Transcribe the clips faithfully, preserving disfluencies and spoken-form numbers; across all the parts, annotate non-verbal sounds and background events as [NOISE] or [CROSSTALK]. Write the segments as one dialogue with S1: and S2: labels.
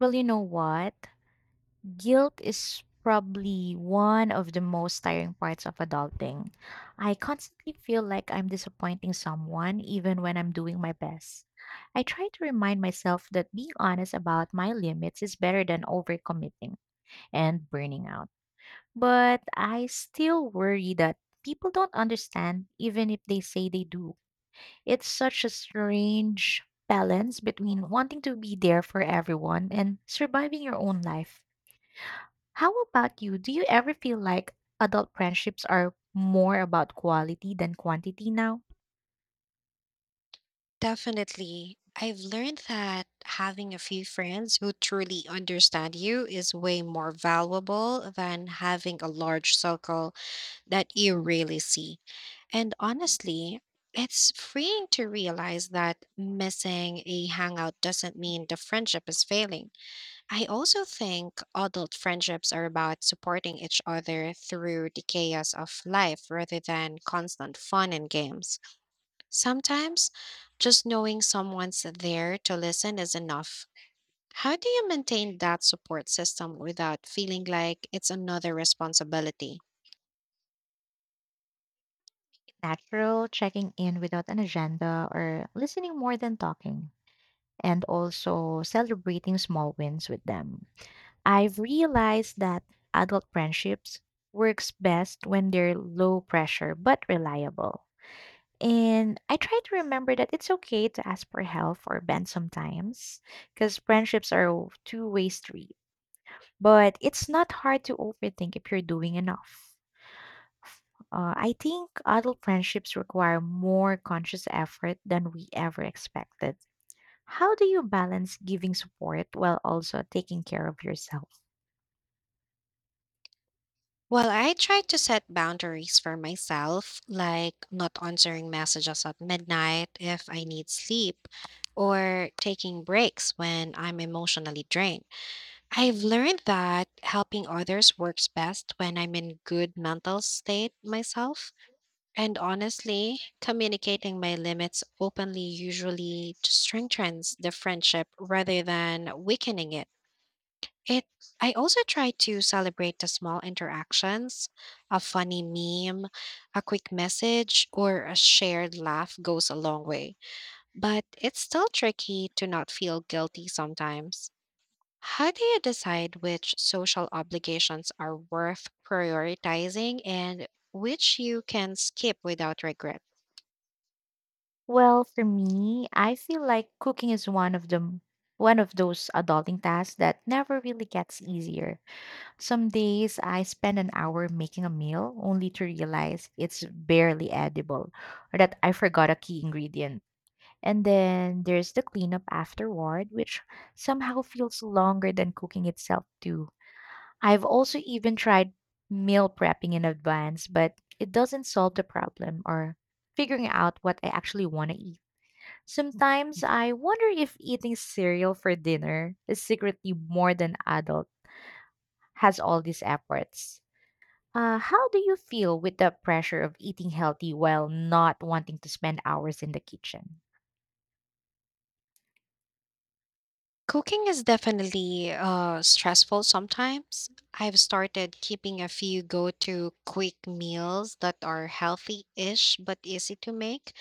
S1: Well, you know what? Guilt is probably one of the most tiring parts of adulting. I constantly feel like I'm disappointing someone even when I'm doing my best. I try to remind myself that being honest about my limits is better than overcommitting and burning out. But I still worry that people don't understand even if they say they do. It's such a strange balance between wanting to be there for everyone and surviving your own life. How about you? Do you ever feel like adult friendships are more about quality than quantity now?
S2: Definitely. I've learned that having a few friends who truly understand you is way more valuable than having a large circle that you really see. And honestly, it's freeing to realize that missing a hangout doesn't mean the friendship is failing. I also think adult friendships are about supporting each other through the chaos of life rather than constant fun and games. Sometimes just knowing someone's there to listen is enough. How do you maintain that support system without feeling like it's another responsibility?
S1: Natural, checking in without an agenda, or listening more than talking, and also celebrating small wins with them. I've realized that adult friendships works best when they're low pressure but reliable. And I try to remember that it's okay to ask for help or bend sometimes because friendships are a two-way street. But it's not hard to overthink if you're doing enough. Uh, I think adult friendships require more conscious effort than we ever expected. How do you balance giving support while also taking care of yourself?
S2: Well, I try to set boundaries for myself, like not answering messages at midnight if I need sleep or taking breaks when I'm emotionally drained. I've learned that helping others works best when I'm in good mental state myself. And honestly, communicating my limits openly usually strengthens the friendship rather than weakening it. It I also try to celebrate the small interactions. A funny meme, a quick message, or a shared laugh goes a long way. But it's still tricky to not feel guilty sometimes. How do you decide which social obligations are worth prioritizing and which you can skip without regret?
S1: Well, for me, I feel like cooking is one of the one of those adulting tasks that never really gets easier. Some days I spend an hour making a meal only to realize it's barely edible or that I forgot a key ingredient. And then there's the cleanup afterward, which somehow feels longer than cooking itself, too. I've also even tried meal prepping in advance, but it doesn't solve the problem or figuring out what I actually want to eat. Sometimes I wonder if eating cereal for dinner is secretly more than adult has all these efforts. Uh, how do you feel with the pressure of eating healthy while not wanting to spend hours in the kitchen?
S2: Cooking is definitely uh, stressful sometimes. I've started keeping a few go to quick meals that are healthy ish but easy to make,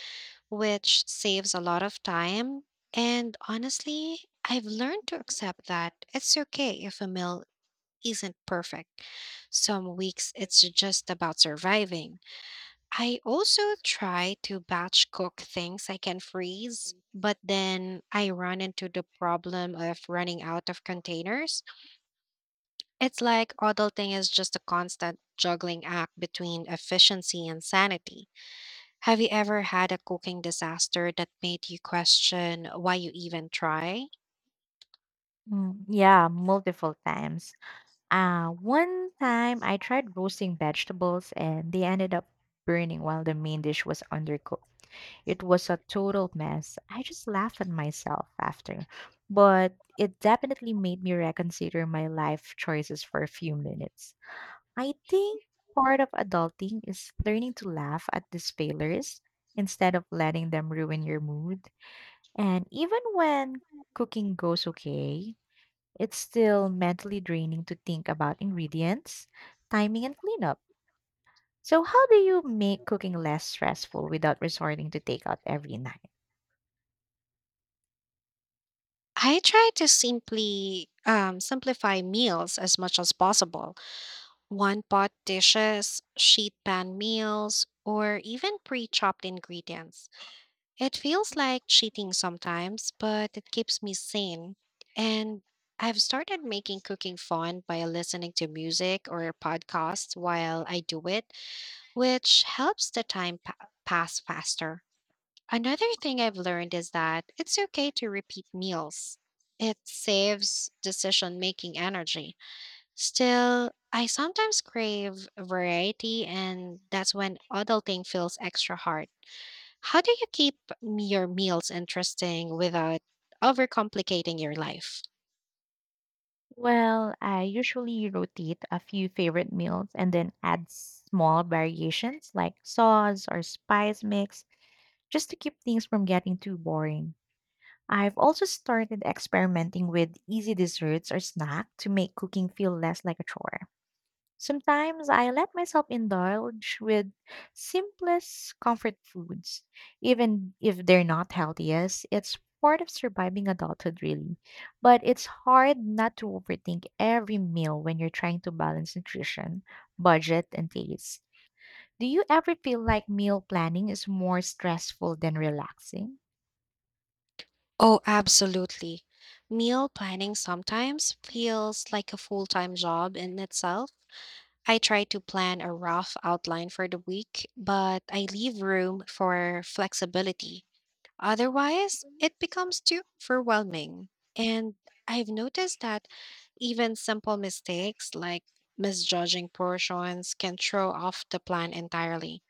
S2: which saves a lot of time. And honestly, I've learned to accept that it's okay if a meal isn't perfect. Some weeks it's just about surviving. I also try to batch cook things I can freeze, but then I run into the problem of running out of containers. It's like adulting is just a constant juggling act between efficiency and sanity. Have you ever had a cooking disaster that made you question why you even try?
S1: Mm, yeah, multiple times. Uh, one time I tried roasting vegetables and they ended up burning while the main dish was undercooked. It was a total mess. I just laughed at myself after, but it definitely made me reconsider my life choices for a few minutes. I think part of adulting is learning to laugh at these failures instead of letting them ruin your mood. And even when cooking goes okay, it's still mentally draining to think about ingredients, timing, and cleanup. So, how do you make cooking less stressful without resorting to takeout every night?
S2: I try to simply um, simplify meals as much as possible. One pot dishes, sheet pan meals, or even pre chopped ingredients. It feels like cheating sometimes, but it keeps me sane. And I've started making cooking fun by listening to music or podcasts while I do it, which helps the time pa- pass faster. Another thing I've learned is that it's okay to repeat meals, it saves decision making energy. Still, I sometimes crave variety, and that's when adulting feels extra hard. How do you keep m- your meals interesting without overcomplicating your life?
S1: Well, I usually rotate a few favorite meals and then add small variations like sauce or spice mix just to keep things from getting too boring. I've also started experimenting with easy desserts or snack to make cooking feel less like a chore. Sometimes I let myself indulge with simplest comfort foods, even if they're not healthiest. It's part of surviving adulthood, really. But it's hard not to overthink every meal when you're trying to balance nutrition, budget, and taste. Do you ever feel like meal planning is more stressful than relaxing?
S2: Oh, absolutely. Meal planning sometimes feels like a full time job in itself. I try to plan a rough outline for the week, but I leave room for flexibility. Otherwise, it becomes too overwhelming. And I've noticed that even simple mistakes like misjudging portions can throw off the plan entirely.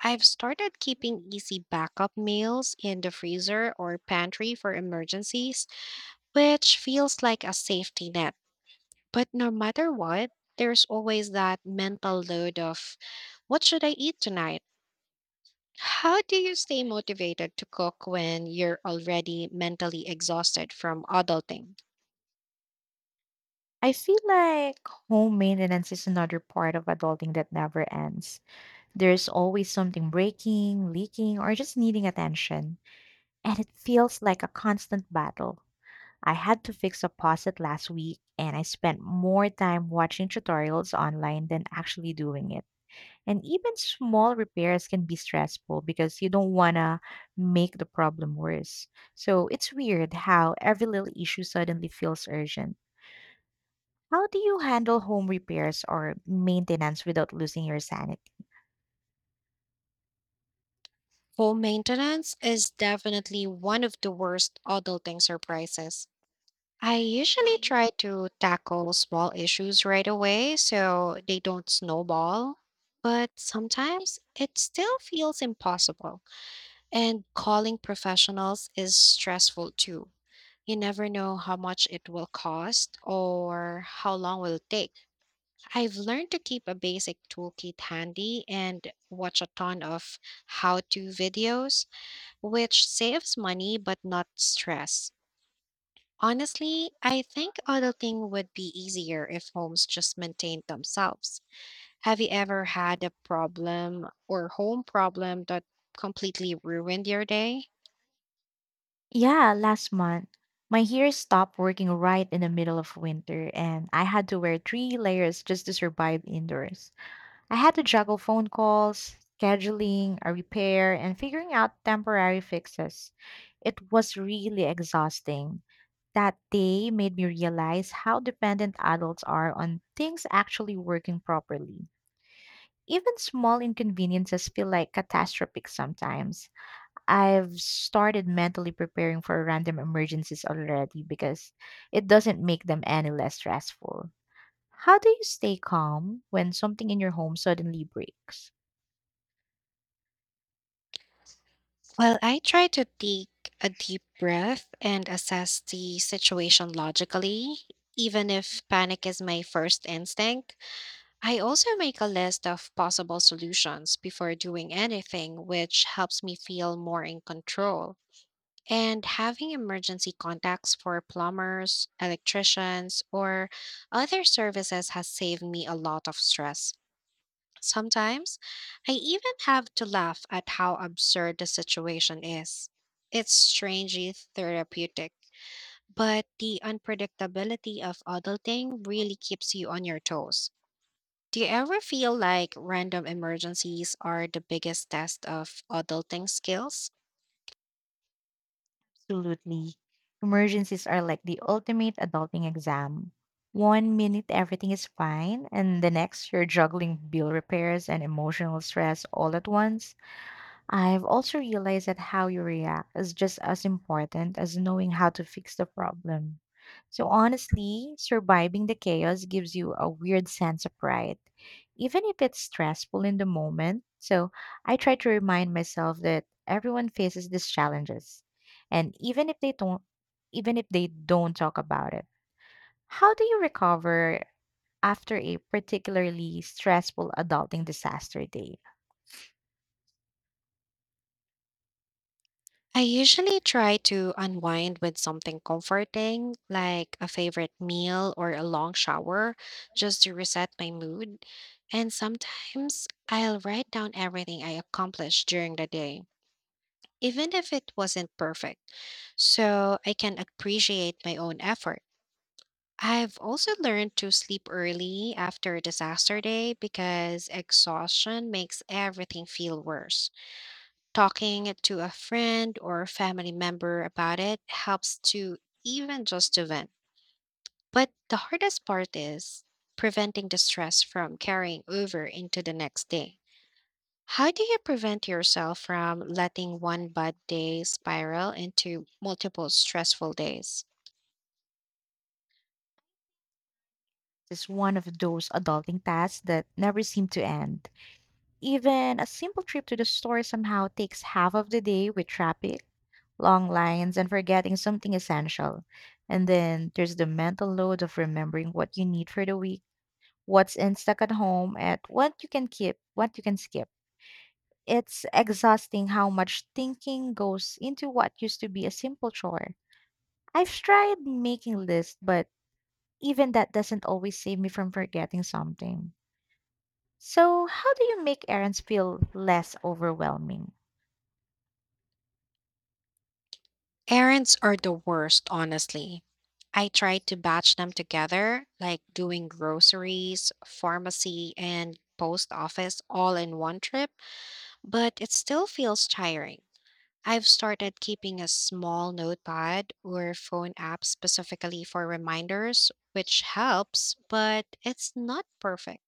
S2: I've started keeping easy backup meals in the freezer or pantry for emergencies, which feels like a safety net. But no matter what, there's always that mental load of what should I eat tonight? How do you stay motivated to cook when you're already mentally exhausted from adulting?
S1: I feel like home maintenance is another part of adulting that never ends. There's always something breaking, leaking, or just needing attention, and it feels like a constant battle. I had to fix a faucet last week, and I spent more time watching tutorials online than actually doing it. And even small repairs can be stressful because you don't want to make the problem worse. So it's weird how every little issue suddenly feels urgent. How do you handle home repairs or maintenance without losing your sanity?
S2: Home maintenance is definitely one of the worst adulting surprises. I usually try to tackle small issues right away so they don't snowball, but sometimes it still feels impossible. And calling professionals is stressful too. You never know how much it will cost or how long will it take. I've learned to keep a basic toolkit handy and watch a ton of how to videos, which saves money but not stress. Honestly, I think auditing would be easier if homes just maintained themselves. Have you ever had a problem or home problem that completely ruined your day?
S1: Yeah, last month, my hair stopped working right in the middle of winter, and I had to wear three layers just to survive indoors. I had to juggle phone calls, scheduling, a repair, and figuring out temporary fixes. It was really exhausting. That day made me realize how dependent adults are on things actually working properly. Even small inconveniences feel like catastrophic sometimes. I've started mentally preparing for random emergencies already because it doesn't make them any less stressful. How do you stay calm when something in your home suddenly breaks?
S2: Well, I try to take a deep breath and assess the situation logically, even if panic is my first instinct. I also make a list of possible solutions before doing anything, which helps me feel more in control. And having emergency contacts for plumbers, electricians, or other services has saved me a lot of stress. Sometimes I even have to laugh at how absurd the situation is. It's strangely therapeutic, but the unpredictability of adulting really keeps you on your toes. Do you ever feel like random emergencies are the biggest test of adulting skills?
S1: Absolutely. Emergencies are like the ultimate adulting exam. One minute everything is fine, and the next you're juggling bill repairs and emotional stress all at once. I've also realized that how you react is just as important as knowing how to fix the problem. So, honestly, surviving the chaos gives you a weird sense of pride, even if it's stressful in the moment. So, I try to remind myself that everyone faces these challenges, and even if they don't, even if they don't talk about it. How do you recover after a particularly stressful adulting disaster day?
S2: I usually try to unwind with something comforting, like a favorite meal or a long shower, just to reset my mood. And sometimes I'll write down everything I accomplished during the day, even if it wasn't perfect, so I can appreciate my own effort. I've also learned to sleep early after a disaster day because exhaustion makes everything feel worse. Talking to a friend or a family member about it helps to even just to vent. But the hardest part is preventing the stress from carrying over into the next day. How do you prevent yourself from letting one bad day spiral into multiple stressful days?
S1: Is one of those adulting tasks that never seem to end. Even a simple trip to the store somehow takes half of the day with traffic, long lines, and forgetting something essential. And then there's the mental load of remembering what you need for the week, what's in stock at home, and what you can keep, what you can skip. It's exhausting how much thinking goes into what used to be a simple chore. I've tried making lists, but even that doesn't always save me from forgetting something. So, how do you make errands feel less overwhelming?
S2: Errands are the worst, honestly. I try to batch them together, like doing groceries, pharmacy, and post office all in one trip, but it still feels tiring. I've started keeping a small notepad or phone app specifically for reminders, which helps, but it's not perfect.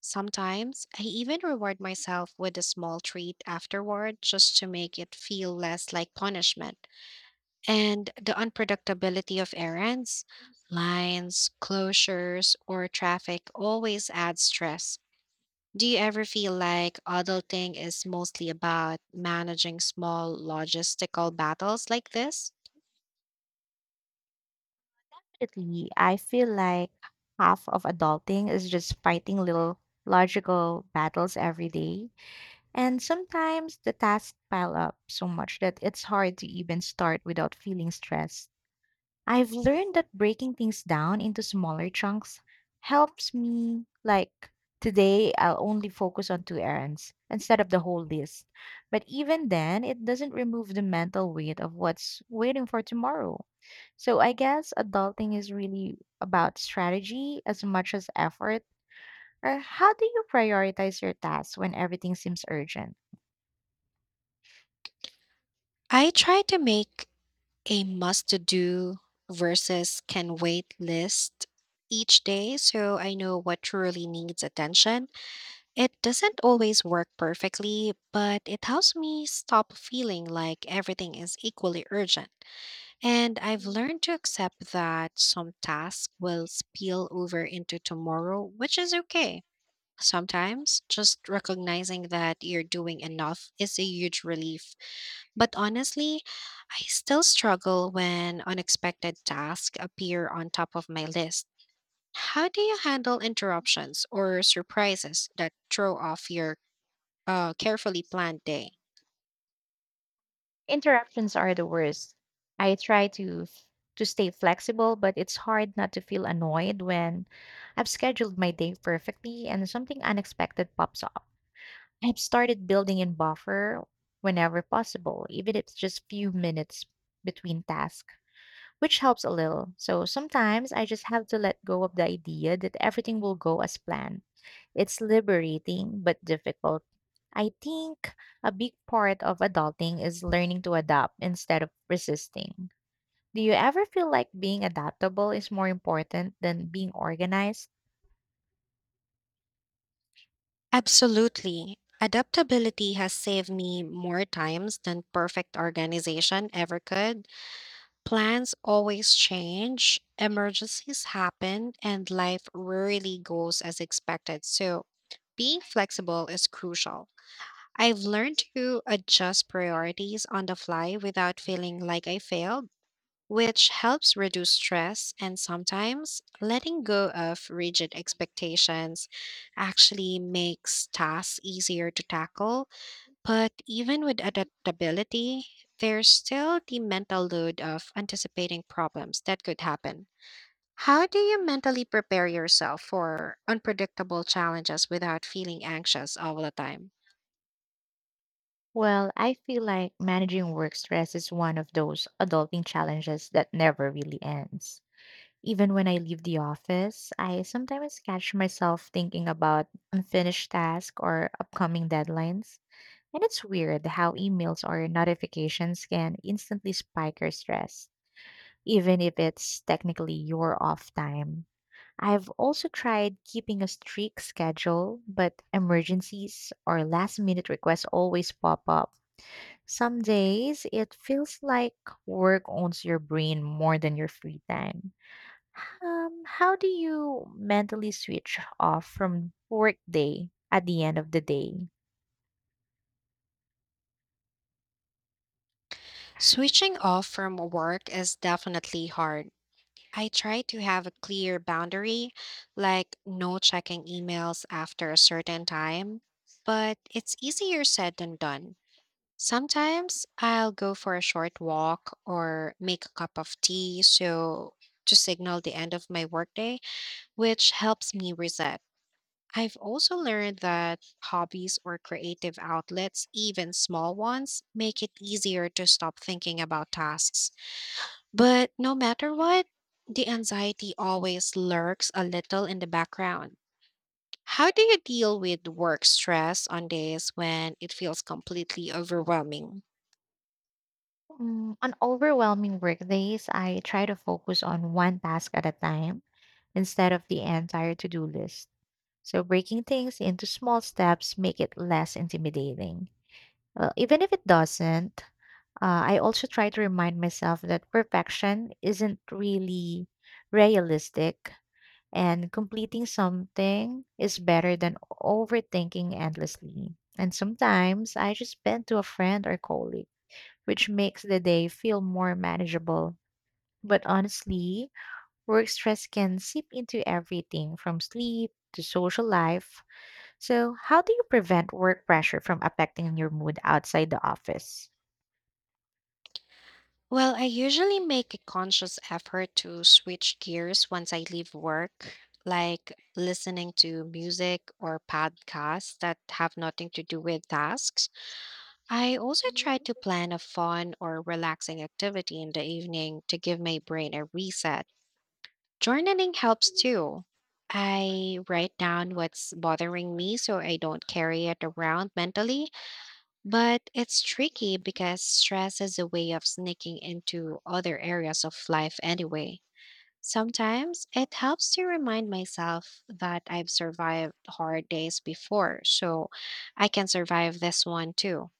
S2: Sometimes I even reward myself with a small treat afterward just to make it feel less like punishment. And the unpredictability of errands, lines, closures, or traffic always adds stress. Do you ever feel like adulting is mostly about managing small logistical battles like this?
S1: Lately, I feel like half of adulting is just fighting little logical battles every day. And sometimes the tasks pile up so much that it's hard to even start without feeling stressed. I've learned that breaking things down into smaller chunks helps me, like, today I'll only focus on two errands instead of the whole list. But even then, it doesn't remove the mental weight of what's waiting for tomorrow. So I guess adulting is really about strategy as much as effort. Or how do you prioritize your tasks when everything seems urgent?
S2: I try to make a must to do versus can wait list each day so I know what truly needs attention. It doesn't always work perfectly, but it helps me stop feeling like everything is equally urgent. And I've learned to accept that some tasks will spill over into tomorrow, which is okay. Sometimes just recognizing that you're doing enough is a huge relief. But honestly, I still struggle when unexpected tasks appear on top of my list. How do you handle interruptions or surprises that throw off your uh, carefully planned day?
S1: Interruptions are the worst. I try to f- to stay flexible, but it's hard not to feel annoyed when I've scheduled my day perfectly and something unexpected pops up. I've started building in buffer whenever possible, even if it's just few minutes between tasks, which helps a little. So sometimes I just have to let go of the idea that everything will go as planned. It's liberating but difficult. I think a big part of adulting is learning to adapt instead of resisting. Do you ever feel like being adaptable is more important than being organized?
S2: Absolutely. Adaptability has saved me more times than perfect organization ever could. Plans always change, emergencies happen, and life rarely goes as expected. So, being flexible is crucial. I've learned to adjust priorities on the fly without feeling like I failed, which helps reduce stress. And sometimes letting go of rigid expectations actually makes tasks easier to tackle. But even with adaptability, there's still the mental load of anticipating problems that could happen. How do you mentally prepare yourself for unpredictable challenges without feeling anxious all the time?
S1: Well, I feel like managing work stress is one of those adulting challenges that never really ends. Even when I leave the office, I sometimes catch myself thinking about unfinished tasks or upcoming deadlines. And it's weird how emails or notifications can instantly spike your stress, even if it's technically your off time. I've also tried keeping a strict schedule, but emergencies or last minute requests always pop up. Some days it feels like work owns your brain more than your free time. Um, how do you mentally switch off from work day at the end of the day?
S2: Switching off from work is definitely hard. I try to have a clear boundary, like no checking emails after a certain time, but it's easier said than done. Sometimes I'll go for a short walk or make a cup of tea so to signal the end of my workday, which helps me reset. I've also learned that hobbies or creative outlets, even small ones, make it easier to stop thinking about tasks. But no matter what, the anxiety always lurks a little in the background. How do you deal with work stress on days when it feels completely overwhelming?
S1: Mm, on overwhelming workdays, I try to focus on one task at a time instead of the entire to-do list. So breaking things into small steps make it less intimidating. Well, even if it doesn't, uh, I also try to remind myself that perfection isn't really realistic. And completing something is better than overthinking endlessly. And sometimes I just vent to a friend or colleague, which makes the day feel more manageable. But honestly, work stress can seep into everything from sleep to social life. So, how do you prevent work pressure from affecting your mood outside the office?
S2: Well, I usually make a conscious effort to switch gears once I leave work, like listening to music or podcasts that have nothing to do with tasks. I also try to plan a fun or relaxing activity in the evening to give my brain a reset. Journaling helps too. I write down what's bothering me so I don't carry it around mentally, but it's tricky because stress is a way of sneaking into other areas of life anyway. Sometimes it helps to remind myself that I've survived hard days before, so I can survive this one too.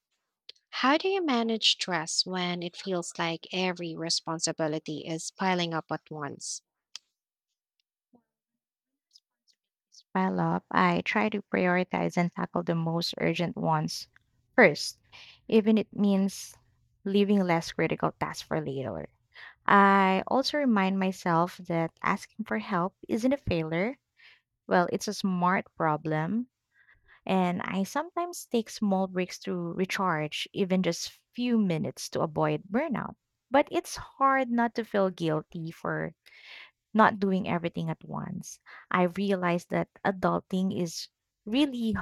S2: How do you manage stress when it feels like every responsibility is piling up at once?
S1: Pile up, I try to prioritize and tackle the most urgent ones first, even it means leaving less critical tasks for later. I also remind myself that asking for help isn't a failure. Well, it's a smart problem. And I sometimes take small breaks to recharge, even just few minutes to avoid burnout. But it's hard not to feel guilty for not doing everything at once. I realized that adulting is really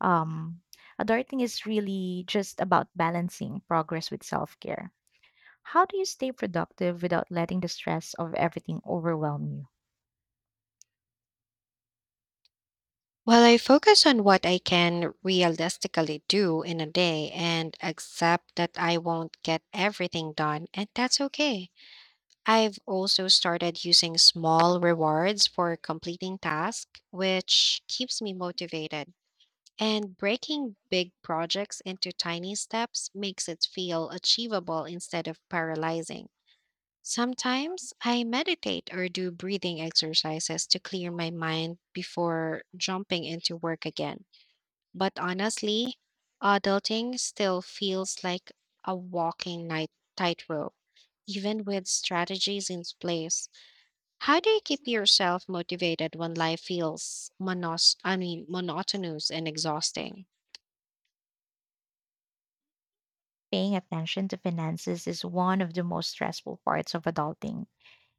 S1: um adulting is really just about balancing progress with self-care. How do you stay productive without letting the stress of everything overwhelm you?
S2: Well, I focus on what I can realistically do in a day and accept that I won't get everything done, and that's okay. I've also started using small rewards for completing tasks, which keeps me motivated. And breaking big projects into tiny steps makes it feel achievable instead of paralyzing. Sometimes I meditate or do breathing exercises to clear my mind before jumping into work again. But honestly, adulting still feels like a walking night tightrope, even with strategies in place. How do you keep yourself motivated when life feels monos- I mean, monotonous and exhausting?
S1: Paying attention to finances is one of the most stressful parts of adulting.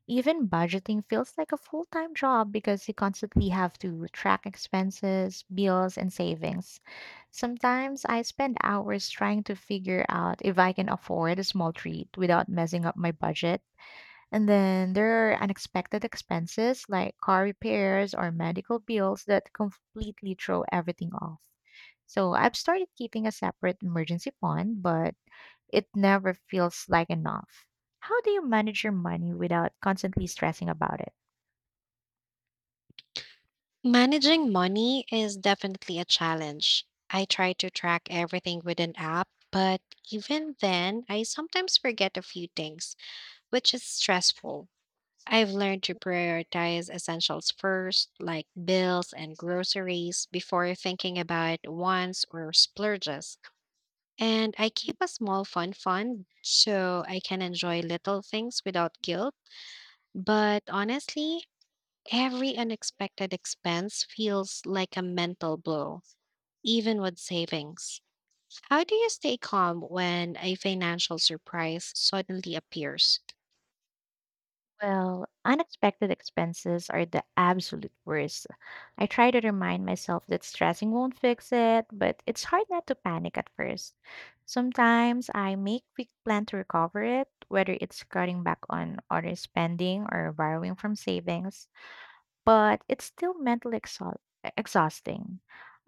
S1: Even budgeting feels like a full time job because you constantly have to track expenses, bills, and savings. Sometimes I spend hours trying to figure out if I can afford a small treat without messing up my budget. And then there are unexpected expenses like car repairs or medical bills that completely throw everything off. So I've started keeping a separate emergency fund, but it never feels like enough. How do you manage your money without constantly stressing about it?
S2: Managing money is definitely a challenge. I try to track everything with an app, but even then, I sometimes forget a few things, which is stressful. I've learned to prioritize essentials first, like bills and groceries, before thinking about wants or splurges. And I keep a small fun fund so I can enjoy little things without guilt. But honestly, every unexpected expense feels like a mental blow, even with savings. How do you stay calm when a financial surprise suddenly appears?
S1: Well, unexpected expenses are the absolute worst. I try to remind myself that stressing won't fix it, but it's hard not to panic at first. Sometimes I make quick plan to recover it, whether it's cutting back on other spending or borrowing from savings, but it's still mentally exhaust- exhausting.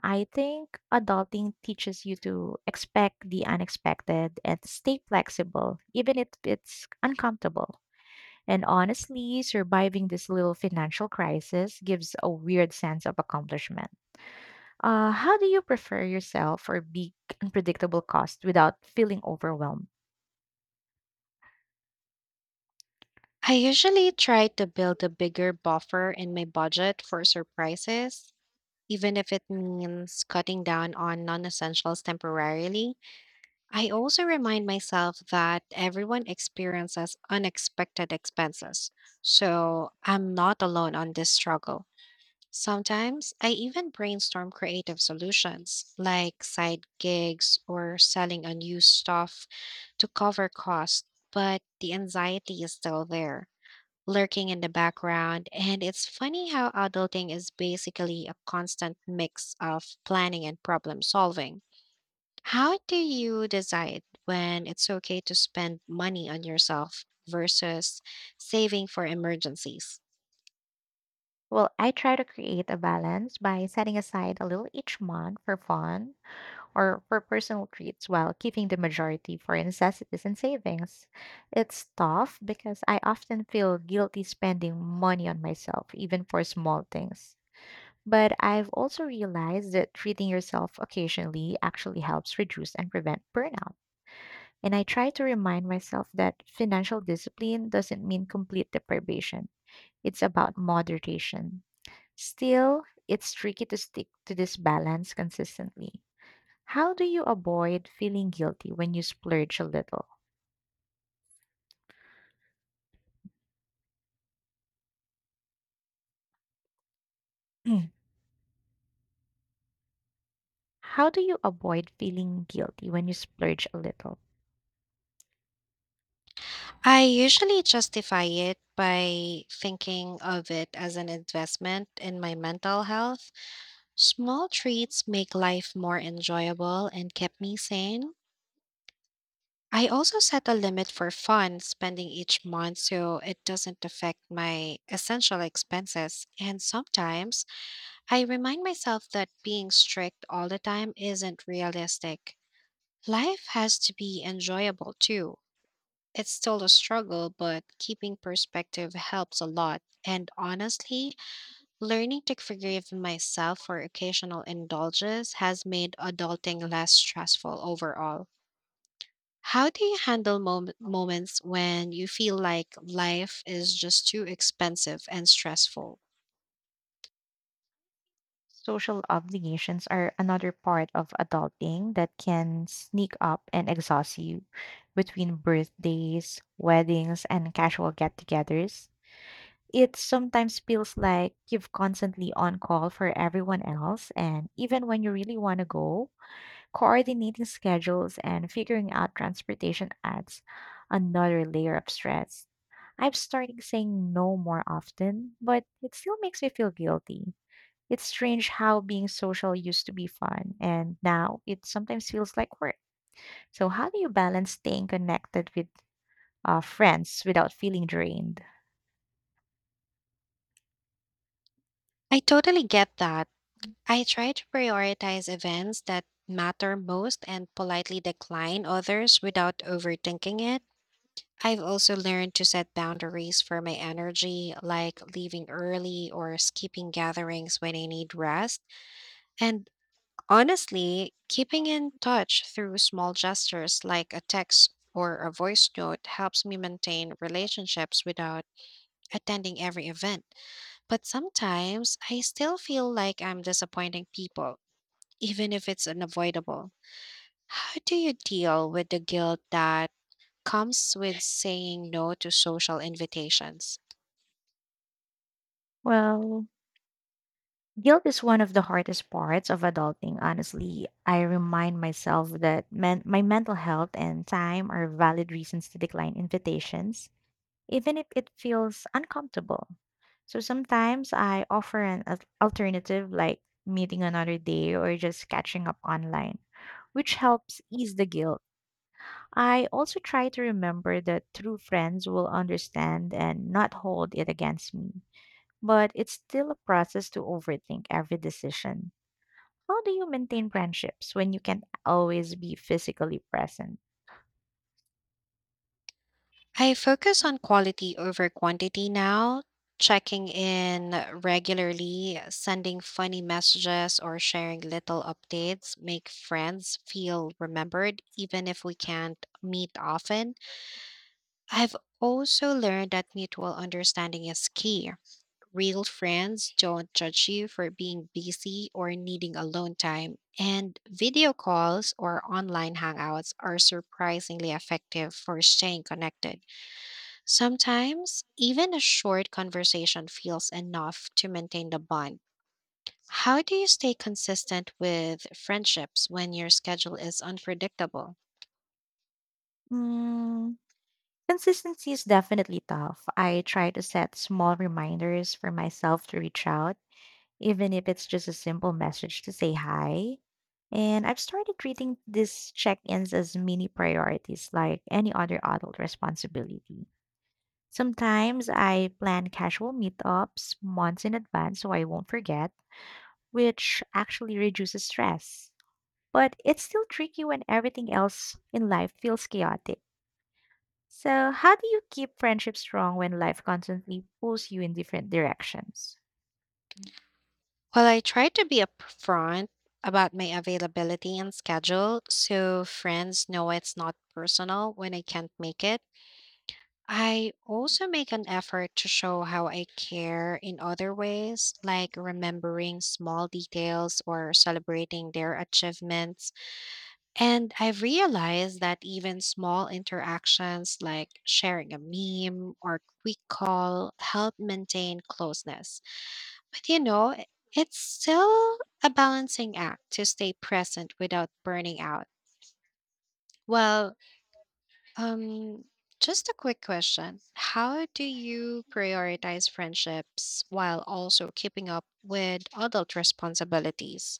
S1: I think adulting teaches you to expect the unexpected and stay flexible, even if it's uncomfortable. And honestly, surviving this little financial crisis gives a weird sense of accomplishment. Uh, how do you prepare yourself for big, unpredictable costs without feeling overwhelmed?
S2: I usually try to build a bigger buffer in my budget for surprises, even if it means cutting down on non essentials temporarily. I also remind myself that everyone experiences unexpected expenses, so I'm not alone on this struggle. Sometimes I even brainstorm creative solutions like side gigs or selling unused stuff to cover costs, but the anxiety is still there lurking in the background. And it's funny how adulting is basically a constant mix of planning and problem solving. How do you decide when it's okay to spend money on yourself versus saving for emergencies?
S1: Well, I try to create a balance by setting aside a little each month for fun or for personal treats while keeping the majority for necessities and savings. It's tough because I often feel guilty spending money on myself, even for small things. But I've also realized that treating yourself occasionally actually helps reduce and prevent burnout. And I try to remind myself that financial discipline doesn't mean complete deprivation, it's about moderation. Still, it's tricky to stick to this balance consistently. How do you avoid feeling guilty when you splurge a little? [CLEARS THROAT] How do you avoid feeling guilty when you splurge a little?
S2: I usually justify it by thinking of it as an investment in my mental health. Small treats make life more enjoyable and kept me sane. I also set a limit for fun spending each month so it doesn't affect my essential expenses. And sometimes I remind myself that being strict all the time isn't realistic. Life has to be enjoyable too. It's still a struggle, but keeping perspective helps a lot. And honestly, learning to forgive myself for occasional indulges has made adulting less stressful overall. How do you handle mom- moments when you feel like life is just too expensive and stressful?
S1: Social obligations are another part of adulting that can sneak up and exhaust you between birthdays, weddings, and casual get togethers. It sometimes feels like you've constantly on call for everyone else, and even when you really want to go, coordinating schedules and figuring out transportation adds another layer of stress. I've started saying no more often, but it still makes me feel guilty. It's strange how being social used to be fun, and now it sometimes feels like work. So, how do you balance staying connected with uh, friends without feeling drained?
S2: I totally get that. I try to prioritize events that matter most and politely decline others without overthinking it. I've also learned to set boundaries for my energy, like leaving early or skipping gatherings when I need rest. And honestly, keeping in touch through small gestures like a text or a voice note helps me maintain relationships without attending every event. But sometimes I still feel like I'm disappointing people, even if it's unavoidable. How do you deal with the guilt that comes with saying no to social invitations?
S1: Well, guilt is one of the hardest parts of adulting, honestly. I remind myself that men- my mental health and time are valid reasons to decline invitations, even if it feels uncomfortable. So sometimes I offer an al- alternative like meeting another day or just catching up online, which helps ease the guilt. I also try to remember that true friends will understand and not hold it against me. But it's still a process to overthink every decision. How do you maintain friendships when you can't always be physically present?
S2: I focus on quality over quantity now, checking in regularly, sending funny messages, or sharing little updates make friends feel remembered, even if we can't meet often. I've also learned that mutual understanding is key. Real friends don't judge you for being busy or needing alone time, and video calls or online hangouts are surprisingly effective for staying connected. Sometimes, even a short conversation feels enough to maintain the bond. How do you stay consistent with friendships when your schedule is unpredictable?
S1: Mm, consistency is definitely tough. I try to set small reminders for myself to reach out, even if it's just a simple message to say hi. And I've started treating these check ins as mini priorities, like any other adult responsibility. Sometimes I plan casual meetups months in advance so I won't forget, which actually reduces stress. But it's still tricky when everything else in life feels chaotic. So, how do you keep friendships strong when life constantly pulls you in different directions?
S2: Well, I try to be upfront about my availability and schedule so friends know it's not personal when I can't make it. I also make an effort to show how I care in other ways, like remembering small details or celebrating their achievements. And I've realized that even small interactions like sharing a meme or quick call help maintain closeness. But you know, i- it's still a balancing act to stay present without burning out. Well, um, just a quick question. How do you prioritize friendships while also keeping up with adult responsibilities?